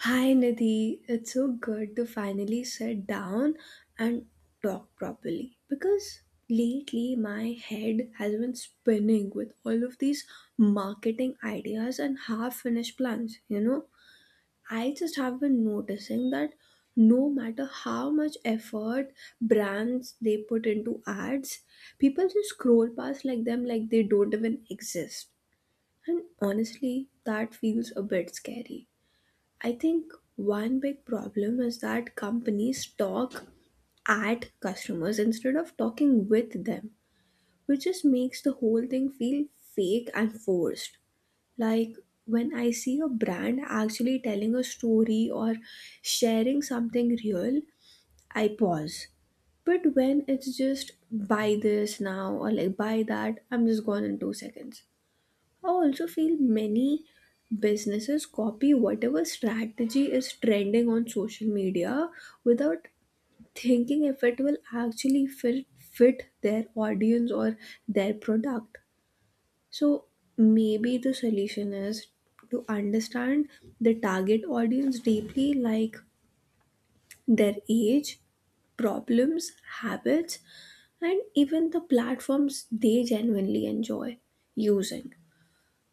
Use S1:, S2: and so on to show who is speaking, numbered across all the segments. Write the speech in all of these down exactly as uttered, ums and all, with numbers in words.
S1: Hi Nidhi, it's so good to finally sit down and talk properly because lately my head has been spinning with all of these marketing ideas and half finished plans. You know, I just have been noticing that no matter how much effort brands they put into ads, people just scroll past like them like they don't even exist. And honestly, that feels a bit scary. I think one big problem is that companies talk at customers instead of talking with them, which just makes the whole thing feel fake and forced. Like when I see a brand actually telling a story or sharing something real, I pause. But when it's just buy this now or like buy that, I'm just gone in two seconds. I also feel many businesses copy whatever strategy is trending on social media without thinking if it will actually fit, fit their audience or their product. So maybe the solution is to understand the target audience deeply, like their age, problems, habits, and even the platforms they genuinely enjoy using.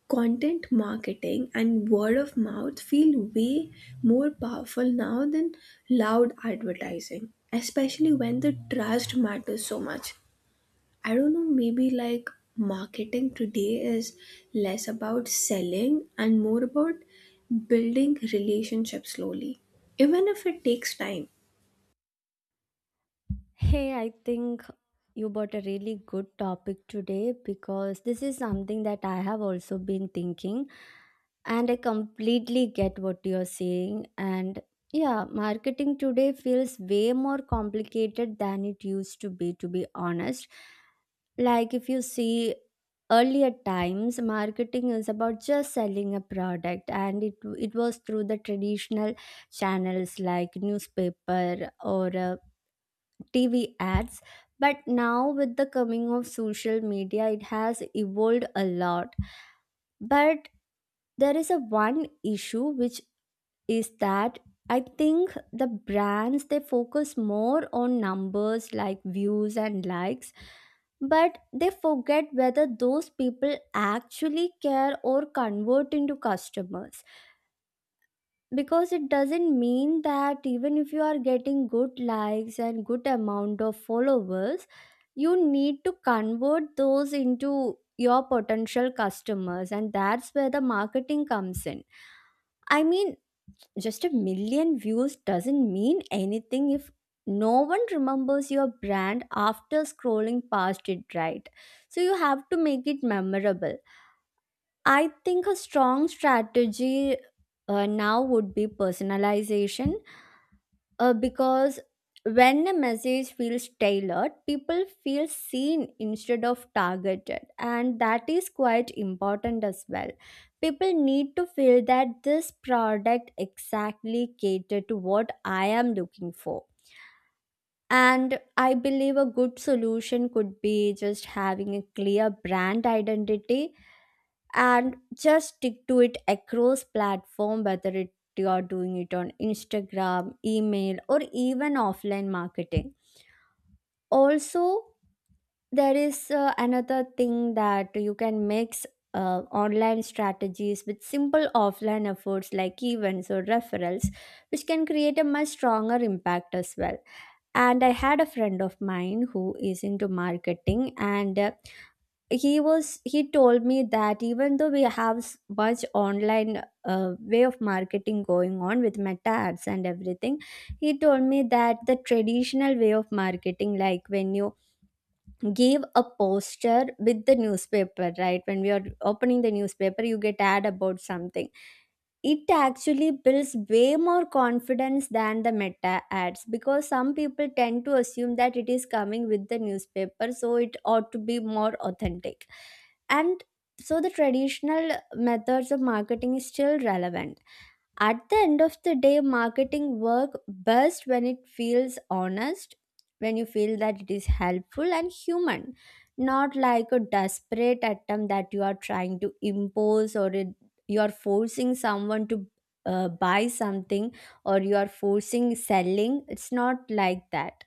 S1: Content marketing and word of mouth feel way more powerful now than loud advertising, especially when the trust matters so much. I don't know, maybe like marketing today is less about selling and more about building relationships slowly, even if it takes time.
S2: Hey, I think you brought a really good topic today because this is something that I have also been thinking, and I completely get what you're saying. And yeah, marketing today feels way more complicated than it used to be, to be honest. Like, if you see earlier times, marketing is about just selling a product, and it, it was through the traditional channels like newspaper or uh, T V ads. But now, with the coming of social media, it has evolved a lot. But there is a one issue which is that I think the brands they focus more on numbers like views and likes, but they forget whether those people actually care or convert into customers, because it doesn't mean that even if you are getting good likes and good amount of followers, you need to convert those into your potential customers, and that's where the marketing comes in. I mean, just a million views doesn't mean anything if no one remembers your brand after scrolling past it, right? So you have to make it memorable. I think a strong strategy uh, now would be personalization, uh, because when a message feels tailored, people feel seen instead of targeted, and that is quite important as well. People need to feel that this product exactly catered to what I am looking for. And I believe a good solution could be just having a clear brand identity and just stick to it across platform, whether it you are doing it on Instagram, email, or even offline marketing. Also, there is uh, another thing that you can mix uh, online strategies with simple offline efforts like events or referrals, which can create a much stronger impact as well. And I had a friend of mine who is into marketing, and uh, he was he told me that even though we have s- much online uh, way of marketing going on with meta ads and everything, he told me that the traditional way of marketing, like when you give a poster with the newspaper, right, when we are opening the newspaper you get ad about something, it actually builds way more confidence than the meta ads because some people tend to assume that it is coming with the newspaper, so it ought to be more authentic. And so the traditional methods of marketing is still relevant. At the end of the day, marketing work best when it feels honest, when you feel that it is helpful and human, not like a desperate attempt that you are trying to impose, or it, you are forcing someone to uh, buy something, or you are forcing selling. It's not like that.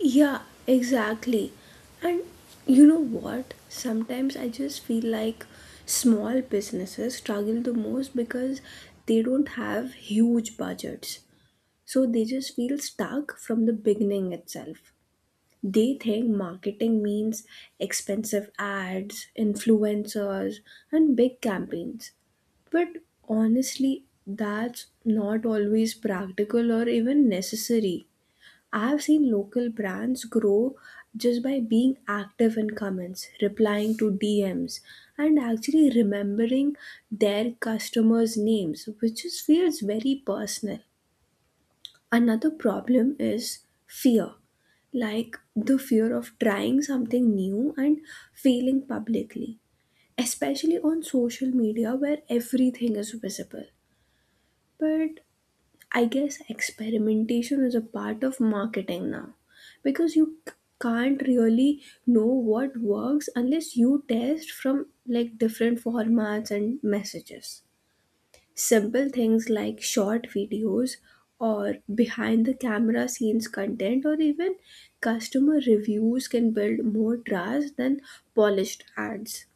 S1: Yeah, exactly. And you know what? Sometimes I just feel like small businesses struggle the most because they don't have huge budgets. So they just feel stuck from the beginning itself. They think marketing means expensive ads, influencers, and big campaigns. But honestly, that's not always practical or even necessary. I've seen local brands grow just by being active in comments, replying to D Ms, and actually remembering their customers' names, which just feels very personal. Another problem is fear, like the fear of trying something new and failing publicly, especially on social media where everything is visible. But I guess experimentation is a part of marketing now because you c- can't really know what works unless you test from like different formats and messages. Simple things like short videos or behind the camera scenes content or even customer reviews can build more trust than polished ads.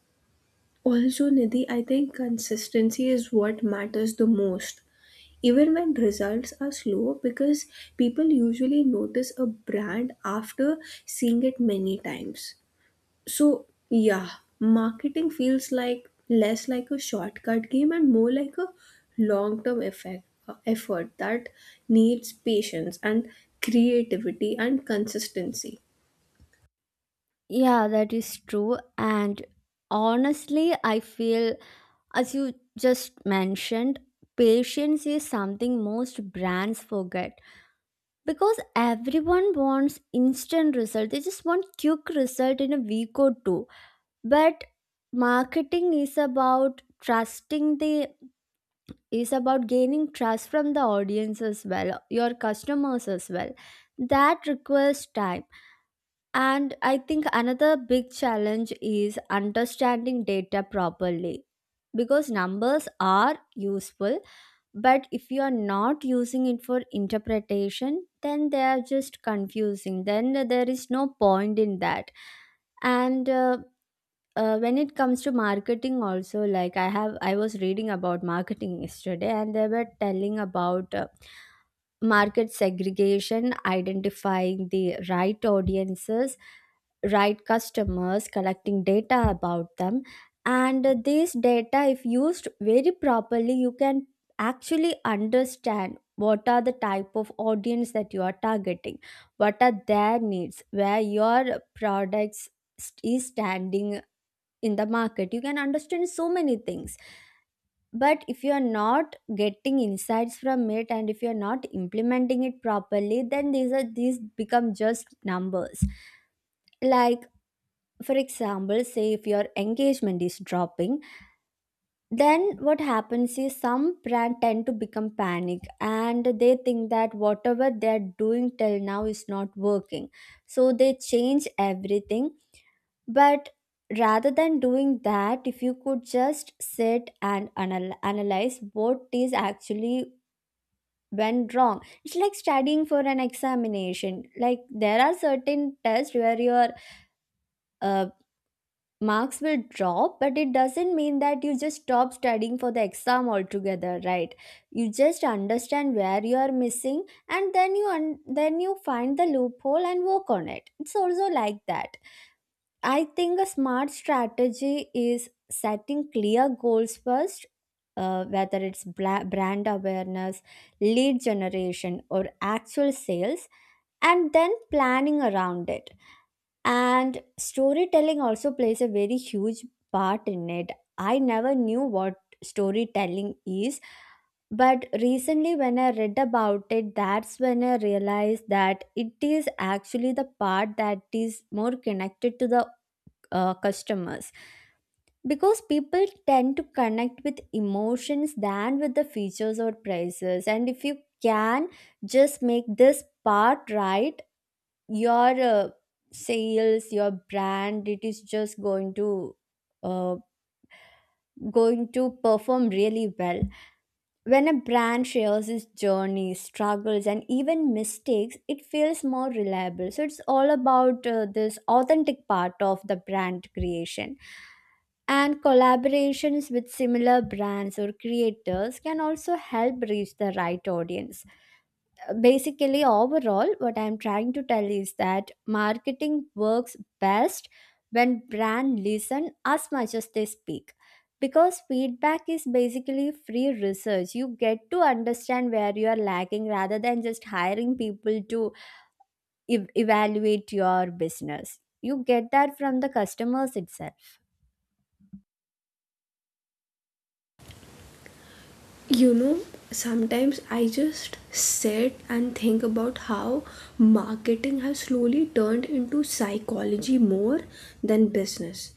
S1: Also, Nidhi, I think consistency is what matters the most even when results are slow because people usually notice a brand after seeing it many times. So yeah, marketing feels like less like a shortcut game and more like a long term effect uh, effort that needs patience and creativity and consistency.
S2: Yeah, that is true. And honestly, I feel, as you just mentioned, patience is something most brands forget, because everyone wants instant result, they just want quick result in a week or two. But marketing is about trusting the is about gaining trust from the audience as well, your customers as well. That requires time. And I think another big challenge is understanding data properly, because numbers are useful, but if you are not using it for interpretation, then they are just confusing. Then there is no point in that. And uh, uh, when it comes to marketing, also, like I have, I was reading about marketing yesterday, and they were telling about. Uh, market segregation, identifying the right audiences, right customers, collecting data about them. And this data, if used very properly, you can actually understand what are the type of audience that you are targeting, what are their needs, where your products st- is standing in the market. You can understand so many things, but if you're not getting insights from it and if you're not implementing it properly, then these are these become just numbers. Like, for example, say if your engagement is dropping, then what happens is some brand tend to become panic and they think that whatever they're doing till now is not working, so they change everything. But rather than doing that, if you could just sit and anal- analyze what is actually went wrong. It's like studying for an examination, like there are certain tests where your uh, marks will drop, but it doesn't mean that you just stop studying for the exam altogether, right? You just understand where you are missing and then you un- then you find the loophole and work on it. It's also like that. I think a smart strategy is setting clear goals first, uh, whether it's bla- brand awareness, lead generation, or actual sales, and then planning around it. And storytelling also plays a very huge part in it. I never knew what storytelling is, but recently when I read about it, that's when I realized that it is actually the part that is more connected to the uh, customers. Because people tend to connect with emotions than with the features or prices, and if you can just make this part right, your uh, sales, your brand, it is just going to uh, going to perform really well. When a brand shares its journey, struggles, and even mistakes, it feels more reliable, so it's all about uh, this authentic part of the brand creation. And collaborations with similar brands or creators can also help reach the right audience. Basically, overall, what I'm trying to tell is that marketing works best when brand listen as much as they speak, because feedback is basically free research. You get to understand where you are lacking, rather than just hiring people to ev- evaluate your business. You get that from the customers itself.
S1: You know, sometimes I just sit and think about how marketing has slowly turned into psychology more than business.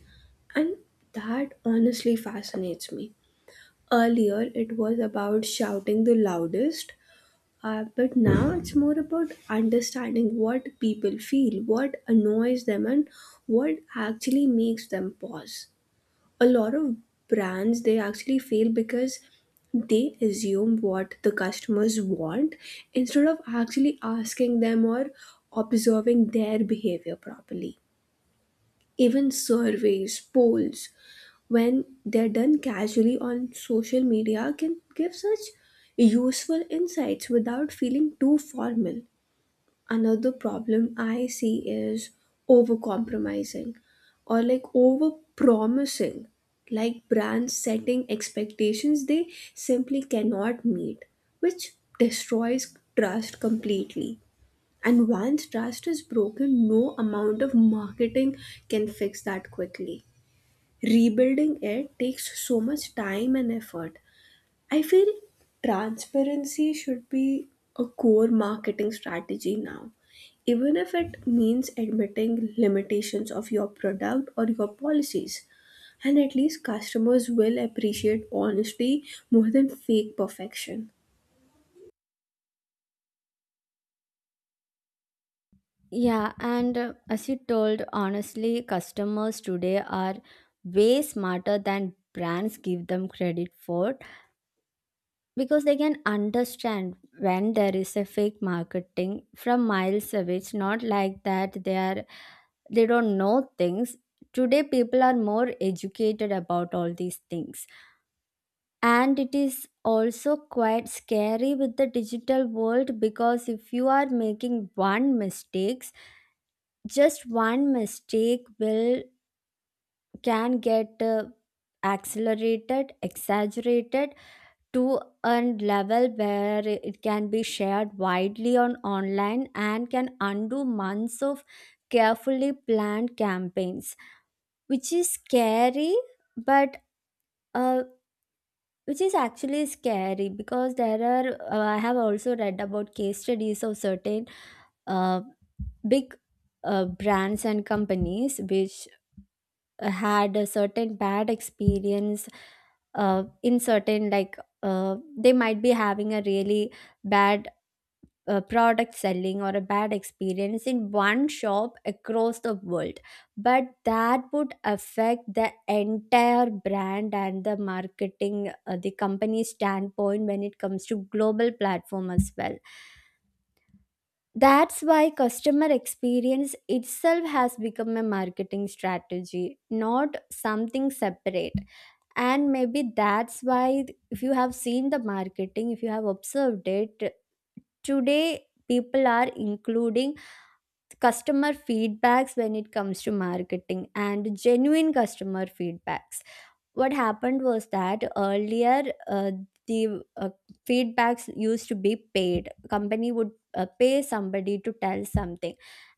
S1: And that honestly fascinates me. Earlier, it was about shouting the loudest, uh, but now it's more about understanding what people feel, what annoys them, and what actually makes them pause. A lot of brands they actually fail because they assume what the customers want instead of actually asking them or observing their behavior properly. Even surveys, polls, when they're done casually on social media can give such useful insights without feeling too formal. Another problem I see is overcompromising or like over promising, like brands setting expectations they simply cannot meet, which destroys trust completely. And once trust is broken, no amount of marketing can fix that quickly. Rebuilding it takes so much time and effort. I feel transparency should be a core marketing strategy now, even if it means admitting limitations of your product or your policies. And at least customers will appreciate honesty more than fake perfection.
S2: Yeah, and uh, as you told, honestly, customers today are way smarter than brands give them credit for. Because they can understand when there is a fake marketing from miles away. It's not like that they are they don't know things. Today people are more educated about all these things, and it is also quite scary with the digital world, because if you are making one mistakes, just one mistake will can get uh, accelerated, exaggerated to a level where it can be shared widely on online and can undo months of carefully planned campaigns, which is scary. But uh, which is actually scary because there are uh, I have also read about case studies of certain uh, big uh, brands and companies which uh, had a certain bad experience, uh, in certain like uh, they might be having a really bad uh, product selling or a bad experience in one shop across the world, but that would affect the entire brand and the marketing uh, the company standpoint when it comes to global platform as well. That's why customer experience itself has become a marketing strategy, not something separate. And maybe that's why, if you have seen the marketing, if you have observed it, today people are including customer feedbacks when it comes to marketing, and genuine customer feedbacks. What happened was that earlier, uh, the uh, feedbacks used to be paid, company would uh, pay somebody to tell something,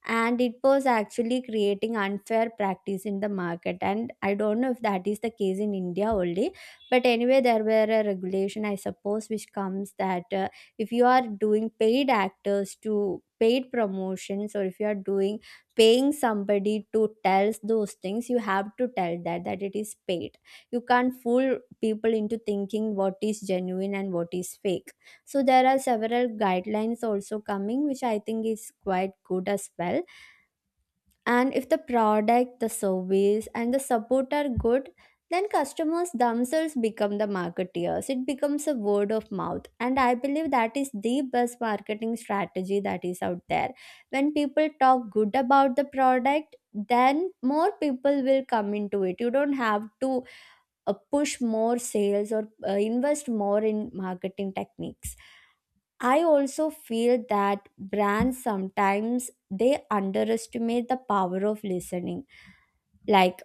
S2: and it was actually creating unfair practice in the market. And I don't know if that is the case in India only, but anyway there were a regulation I suppose which comes that uh, if you are doing paid actors to paid promotions, or if you are doing paying somebody to tell those things, you have to tell that that it is paid. You can't fool people into thinking what is genuine and what is fake. So there are several guidelines also coming, which I think is quite good as well. And if the product, the service, and the support are good, then customers themselves become the marketeers. It becomes a word of mouth, and I believe that is the best marketing strategy that is out there. When people talk good about the product, then more people will come into it. You don't have to uh, push more sales or uh, invest more in marketing techniques. I also feel that brands sometimes they underestimate the power of listening, like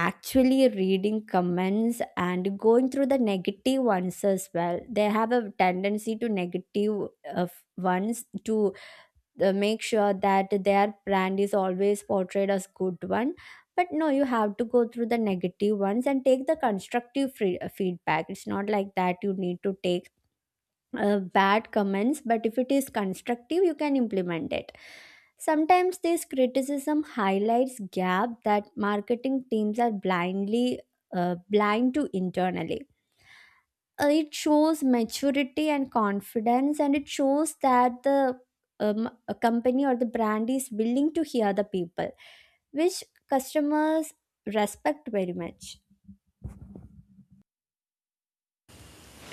S2: actually reading comments and going through the negative ones as well. They have a tendency to negative uh, ones to uh, make sure that their brand is always portrayed as good one. But no, you have to go through the negative ones and take the constructive free, uh, feedback. It's not like that you need to take uh, bad comments, but if it is constructive you can implement it. Sometimes this criticism highlights gap that marketing teams are blindly uh, blind to internally. Uh, it shows maturity and confidence, and it shows that the um, a company or the brand is willing to hear the people, which customers respect very much.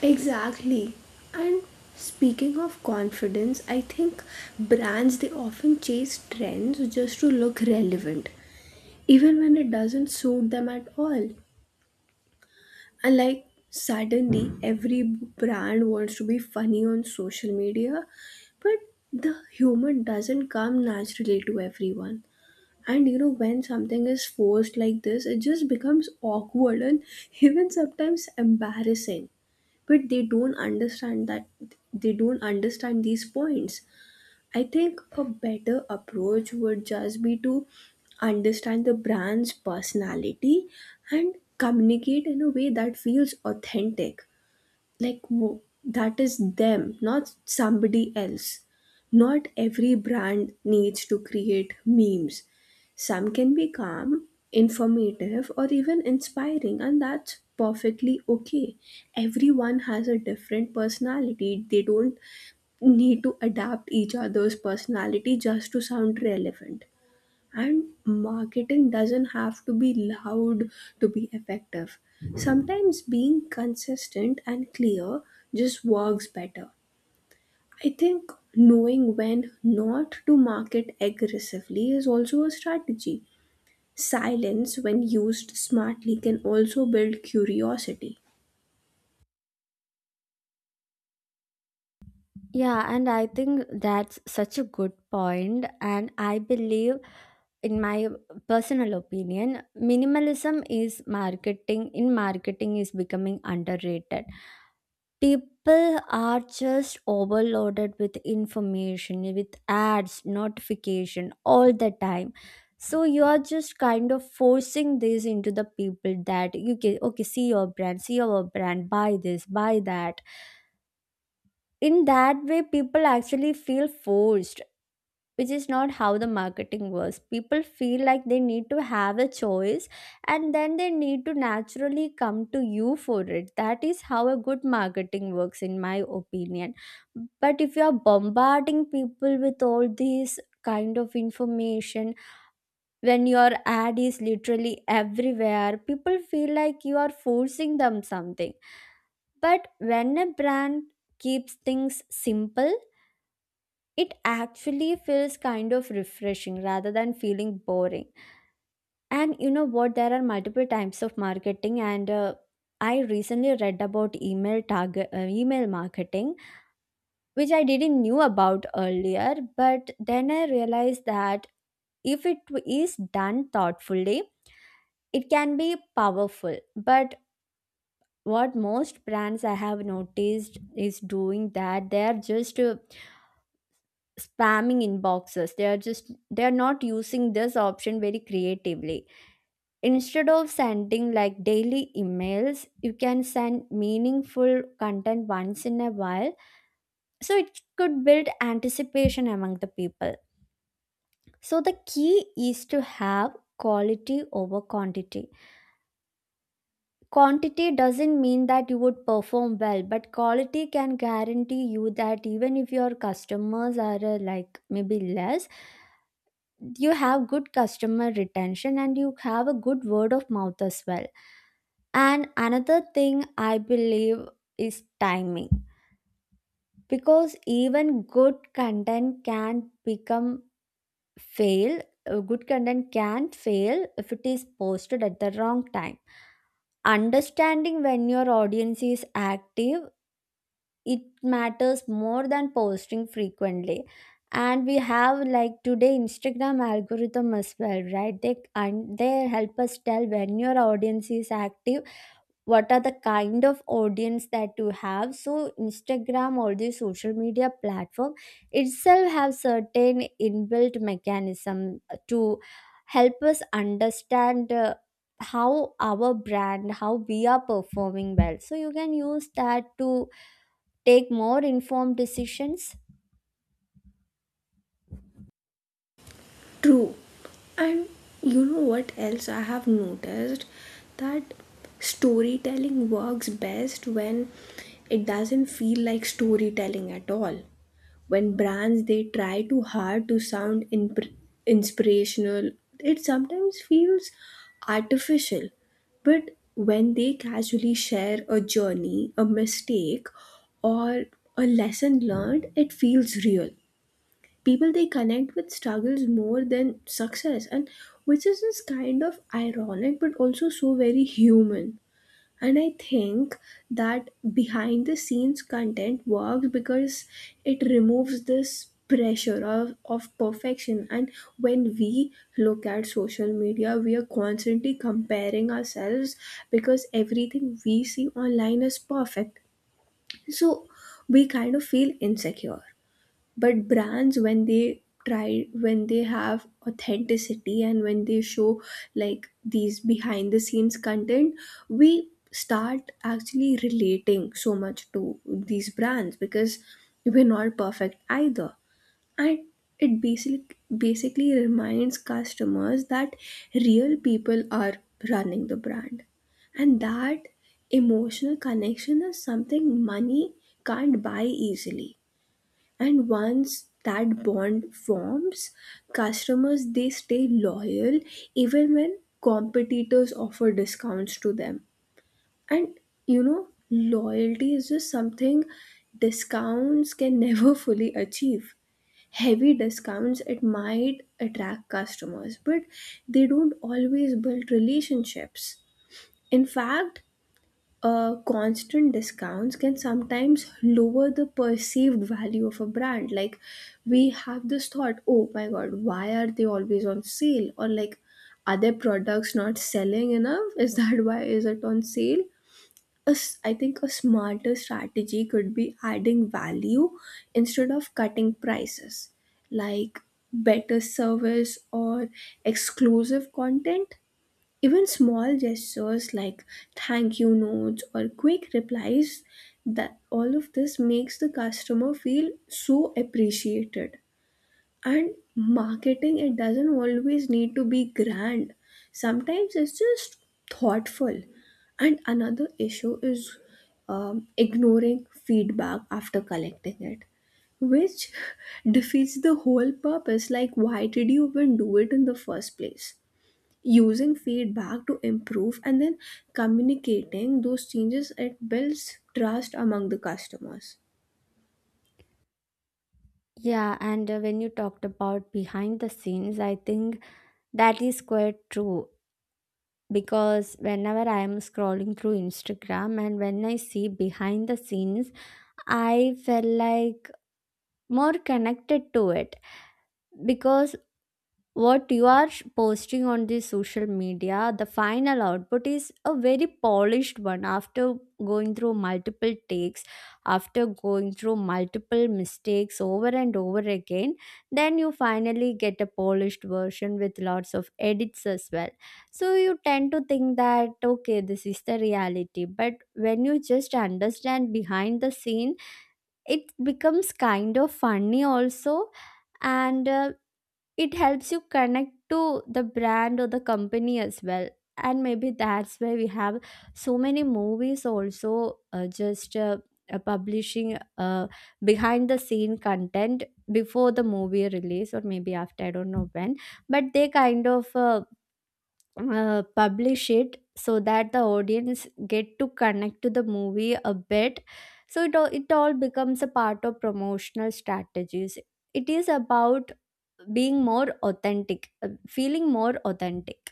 S1: Exactly. And speaking of confidence, I think brands they often chase trends just to look relevant, even when it doesn't suit them at all. And like suddenly every brand wants to be funny on social media, but the humor doesn't come naturally to everyone. And you know, when something is forced like this, it just becomes awkward and even sometimes embarrassing. But they don't understand that, they don't understand these points. I think a better approach would just be to understand the brand's personality and communicate in a way that feels authentic. Like wo- that is them, not somebody else. Not every brand needs to create memes. Some can be calm, informative, or even inspiring, and that's perfectly okay. Everyone has a different personality. They don't need to adapt each other's personality just to sound relevant. And marketing doesn't have to be loud to be effective. Sometimes being consistent and clear just works better. I think knowing when not to market aggressively is also a strategy. Silence, when used smartly, can also build curiosity.
S2: Yeah, and I think that's such a good point, and I believe, in my personal opinion, minimalism is marketing in marketing is becoming underrated. People are just overloaded with information, with ads notification all the time, so you are just kind of Forcing this into the people that you can, okay, see your brand, see our brand, buy this, buy that. In that way people actually feel forced, which is not how the marketing works. People feel like they need to have a choice and then they need to naturally come to you for it. That is how a good marketing works, in my opinion. But if you are bombarding people with all these kind of information, when your ad is literally everywhere, people feel like you are forcing them something. But when a brand keeps things simple, it actually feels kind of refreshing rather than feeling boring. And you know what? There are multiple types of marketing, and uh, I recently read about email target, uh, email marketing, which I didn't knew about earlier. But then I realized that if it is done thoughtfully, it can be powerful. But what most brands I have noticed is doing, that they are just uh, spamming inboxes. They are just, they are not using this option very creatively. Instead of sending like daily emails, you can send meaningful content once in a while, so it could build anticipation among the people. So the key is to have quality over quantity. Quantity doesn't mean that you would perform well, but quality can guarantee you that even if your customers are uh, like maybe less, you have good customer retention and you have a good word of mouth as well. And another thing I believe is timing, because even good content can become fail, uh, good content can fail if it is posted at the wrong time. Understanding when your audience is active, it matters more than posting frequently. And we have like today Instagram algorithm as well, right? They and they help us tell when your audience is active, what are the kind of audience that you have. So Instagram or the social media platform itself have certain inbuilt mechanism to help us understand uh, how our brand, how we are performing well, so you can use that to take more informed decisions.
S1: True. And you know what else I have noticed? That storytelling works best when it doesn't feel like storytelling at all. When brands they try too hard to sound imp- inspirational, it sometimes feels artificial. But when they casually share a journey, a mistake, or a lesson learned, it feels real. People they connect with struggles more than success, and which is just kind of ironic but also so very human. And I think that behind the scenes content works because it removes this pressure of, of perfection. And when we look at social media we are constantly comparing ourselves because everything we see online is perfect, so we kind of feel insecure. But brands when they try, when they have authenticity and when they show like these behind the scenes content, we start actually relating so much to these brands because we're not perfect either. And it basically basically reminds customers that real people are running the brand, and that emotional connection is something money can't buy easily. And once that bond forms, customers they stay loyal even when competitors offer discounts to them. And you know, loyalty is just something discounts can never fully achieve. Heavy discounts it might attract customers, but they don't always build relationships. In fact, uh, constant discounts can sometimes lower the perceived value of a brand. Like, we have this thought, oh my god, why are they always on sale? Or, like, are their products not selling enough? Is that why is it on sale? A s- I think a smarter strategy could be adding value instead of cutting prices, like better service or exclusive content. Even small gestures like thank you notes or quick replies, that all of this makes the customer feel so appreciated. And marketing it doesn't always need to be grand. Sometimes it's just thoughtful. And another issue is um, ignoring feedback after collecting it, which defeats the whole purpose. Like why did you even do it in the first place? Using feedback to improve and then communicating those changes, it builds trust among the customers.
S2: Yeah, and uh, when you talked about behind the scenes, I think that is quite true, because whenever I am scrolling through Instagram and when I see behind the scenes, I feel like more connected to it, because what you are sh- posting on the social media, the final output is a very polished one after going through multiple takes, after going through multiple mistakes over and over again. Then you finally get a polished version with lots of edits as well. So you tend to think that, okay, this is the reality. But when you just understand behind the scene, it becomes kind of funny also, and uh, it helps you connect to the brand or the company as well. And maybe that's why we have so many movies also uh, just uh, uh, publishing uh, behind the scene content before the movie release or maybe after, I don't know when, but they kind of uh, uh, publish it so that the audience get to connect to the movie a bit. So it all, it all becomes a part of promotional strategies. It is about being more authentic, uh, feeling more authentic.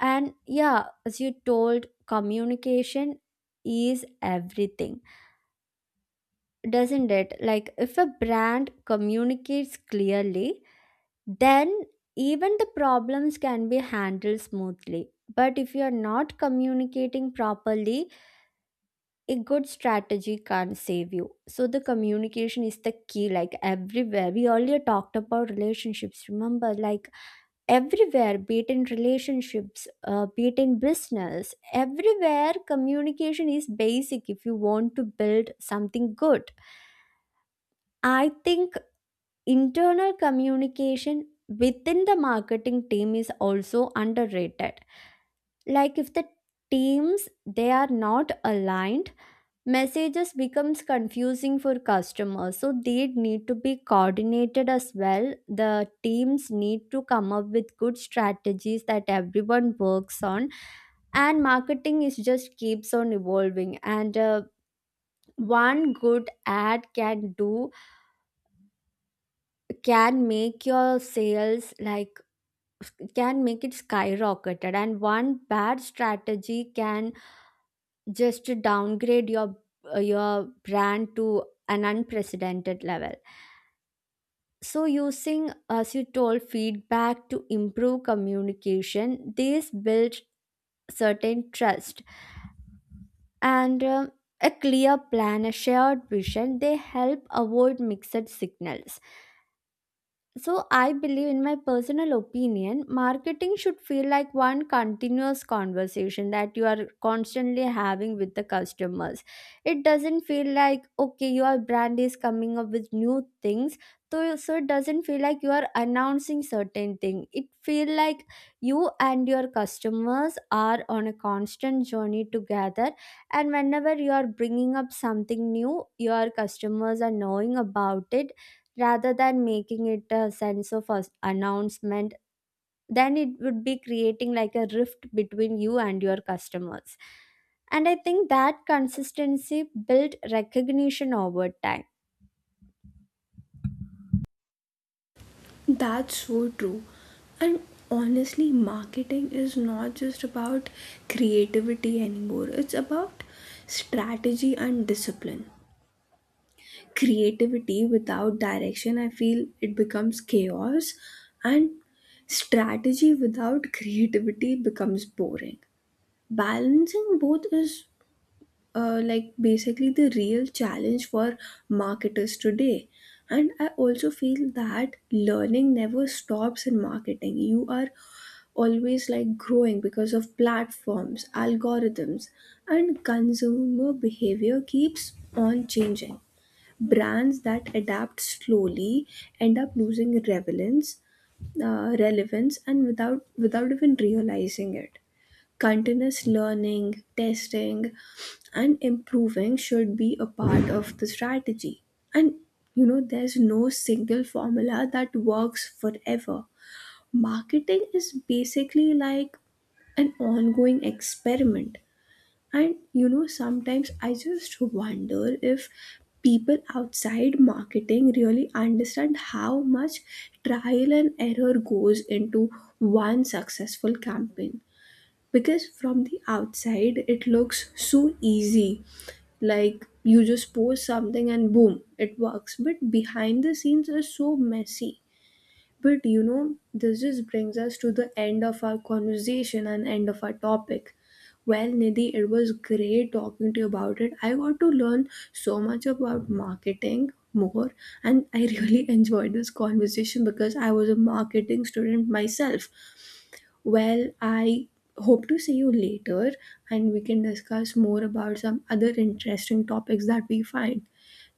S2: And yeah, as you told, communication is everything, doesn't it? Like if a brand communicates clearly, then even the problems can be handled smoothly. But if you are not communicating properly, a good strategy can't save you. So the communication is the key, like everywhere. We earlier talked about relationships, remember? Like everywhere, be it in relationships, uh, be it in business, everywhere communication is basic if you want to build something good. I think internal communication within the marketing team is also underrated. Like if the teams they are not aligned, messages becomes confusing for customers, so they need to be coordinated as well. The teams need to come up with good strategies that everyone works on. And marketing is just keeps on evolving, and uh, one good ad can do can make your sales like, can make it skyrocketed. And one bad strategy can just downgrade your uh, your brand to an unprecedented level. So, using, as you told, feedback to improve communication, this builds certain trust, and um, a clear plan, a shared vision. They help avoid mixed signals. So, I believe, in my personal opinion, marketing should feel like one continuous conversation that you are constantly having with the customers. It doesn't feel like, okay, your brand is coming up with new things. So, so it doesn't feel like you are announcing certain thing. It feel like you and your customers are on a constant journey together. And whenever you are bringing up something new, your customers are knowing about it, rather than making it a sense of us- announcement. Then it would be creating like a rift between you and your customers. And I think that consistency built recognition over time.
S1: That's so true. And honestly, marketing is not just about creativity anymore, it's about strategy and discipline. Creativity without direction, I feel, it becomes chaos, and strategy without creativity becomes boring. Balancing both is uh, like basically the real challenge for marketers today. And I also feel that learning never stops in marketing. You are always like growing because of platforms, algorithms, and consumer behavior keeps on changing. Brands that adapt slowly end up losing relevance uh, relevance and without without even realizing it. Continuous learning, testing, and improving should be a part of the strategy. And you know, there's no single formula that works forever. Marketing is basically like an ongoing experiment. And you know, sometimes I just wonder if people outside marketing really understand how much trial and error goes into one successful campaign, because from the outside it looks so easy, like you just post something and boom it works, but behind the scenes are so messy. But you know, this just brings us to the end of our conversation and end of our topic. Well, Nidhi, it was great talking to you about it. I got to learn so much about marketing more, and I really enjoyed this conversation because I was a marketing student myself. Well, I hope to see you later and we can discuss more about some other interesting topics that we find.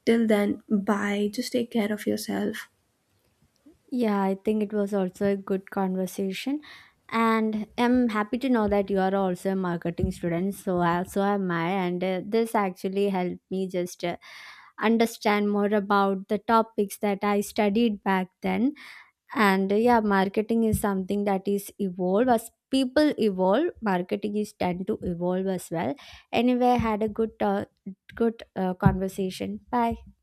S1: Till then, bye. Just take care of yourself.
S2: Yeah, I think it was also a good conversation, and I'm happy to know that you are also a marketing student. So also am I, and uh, this actually helped me just uh, understand more about the topics that I studied back then. And uh, yeah, marketing is something that is evolve as people evolve. Marketing is tend to evolve as well. Anyway, had a good uh, good uh, conversation. Bye.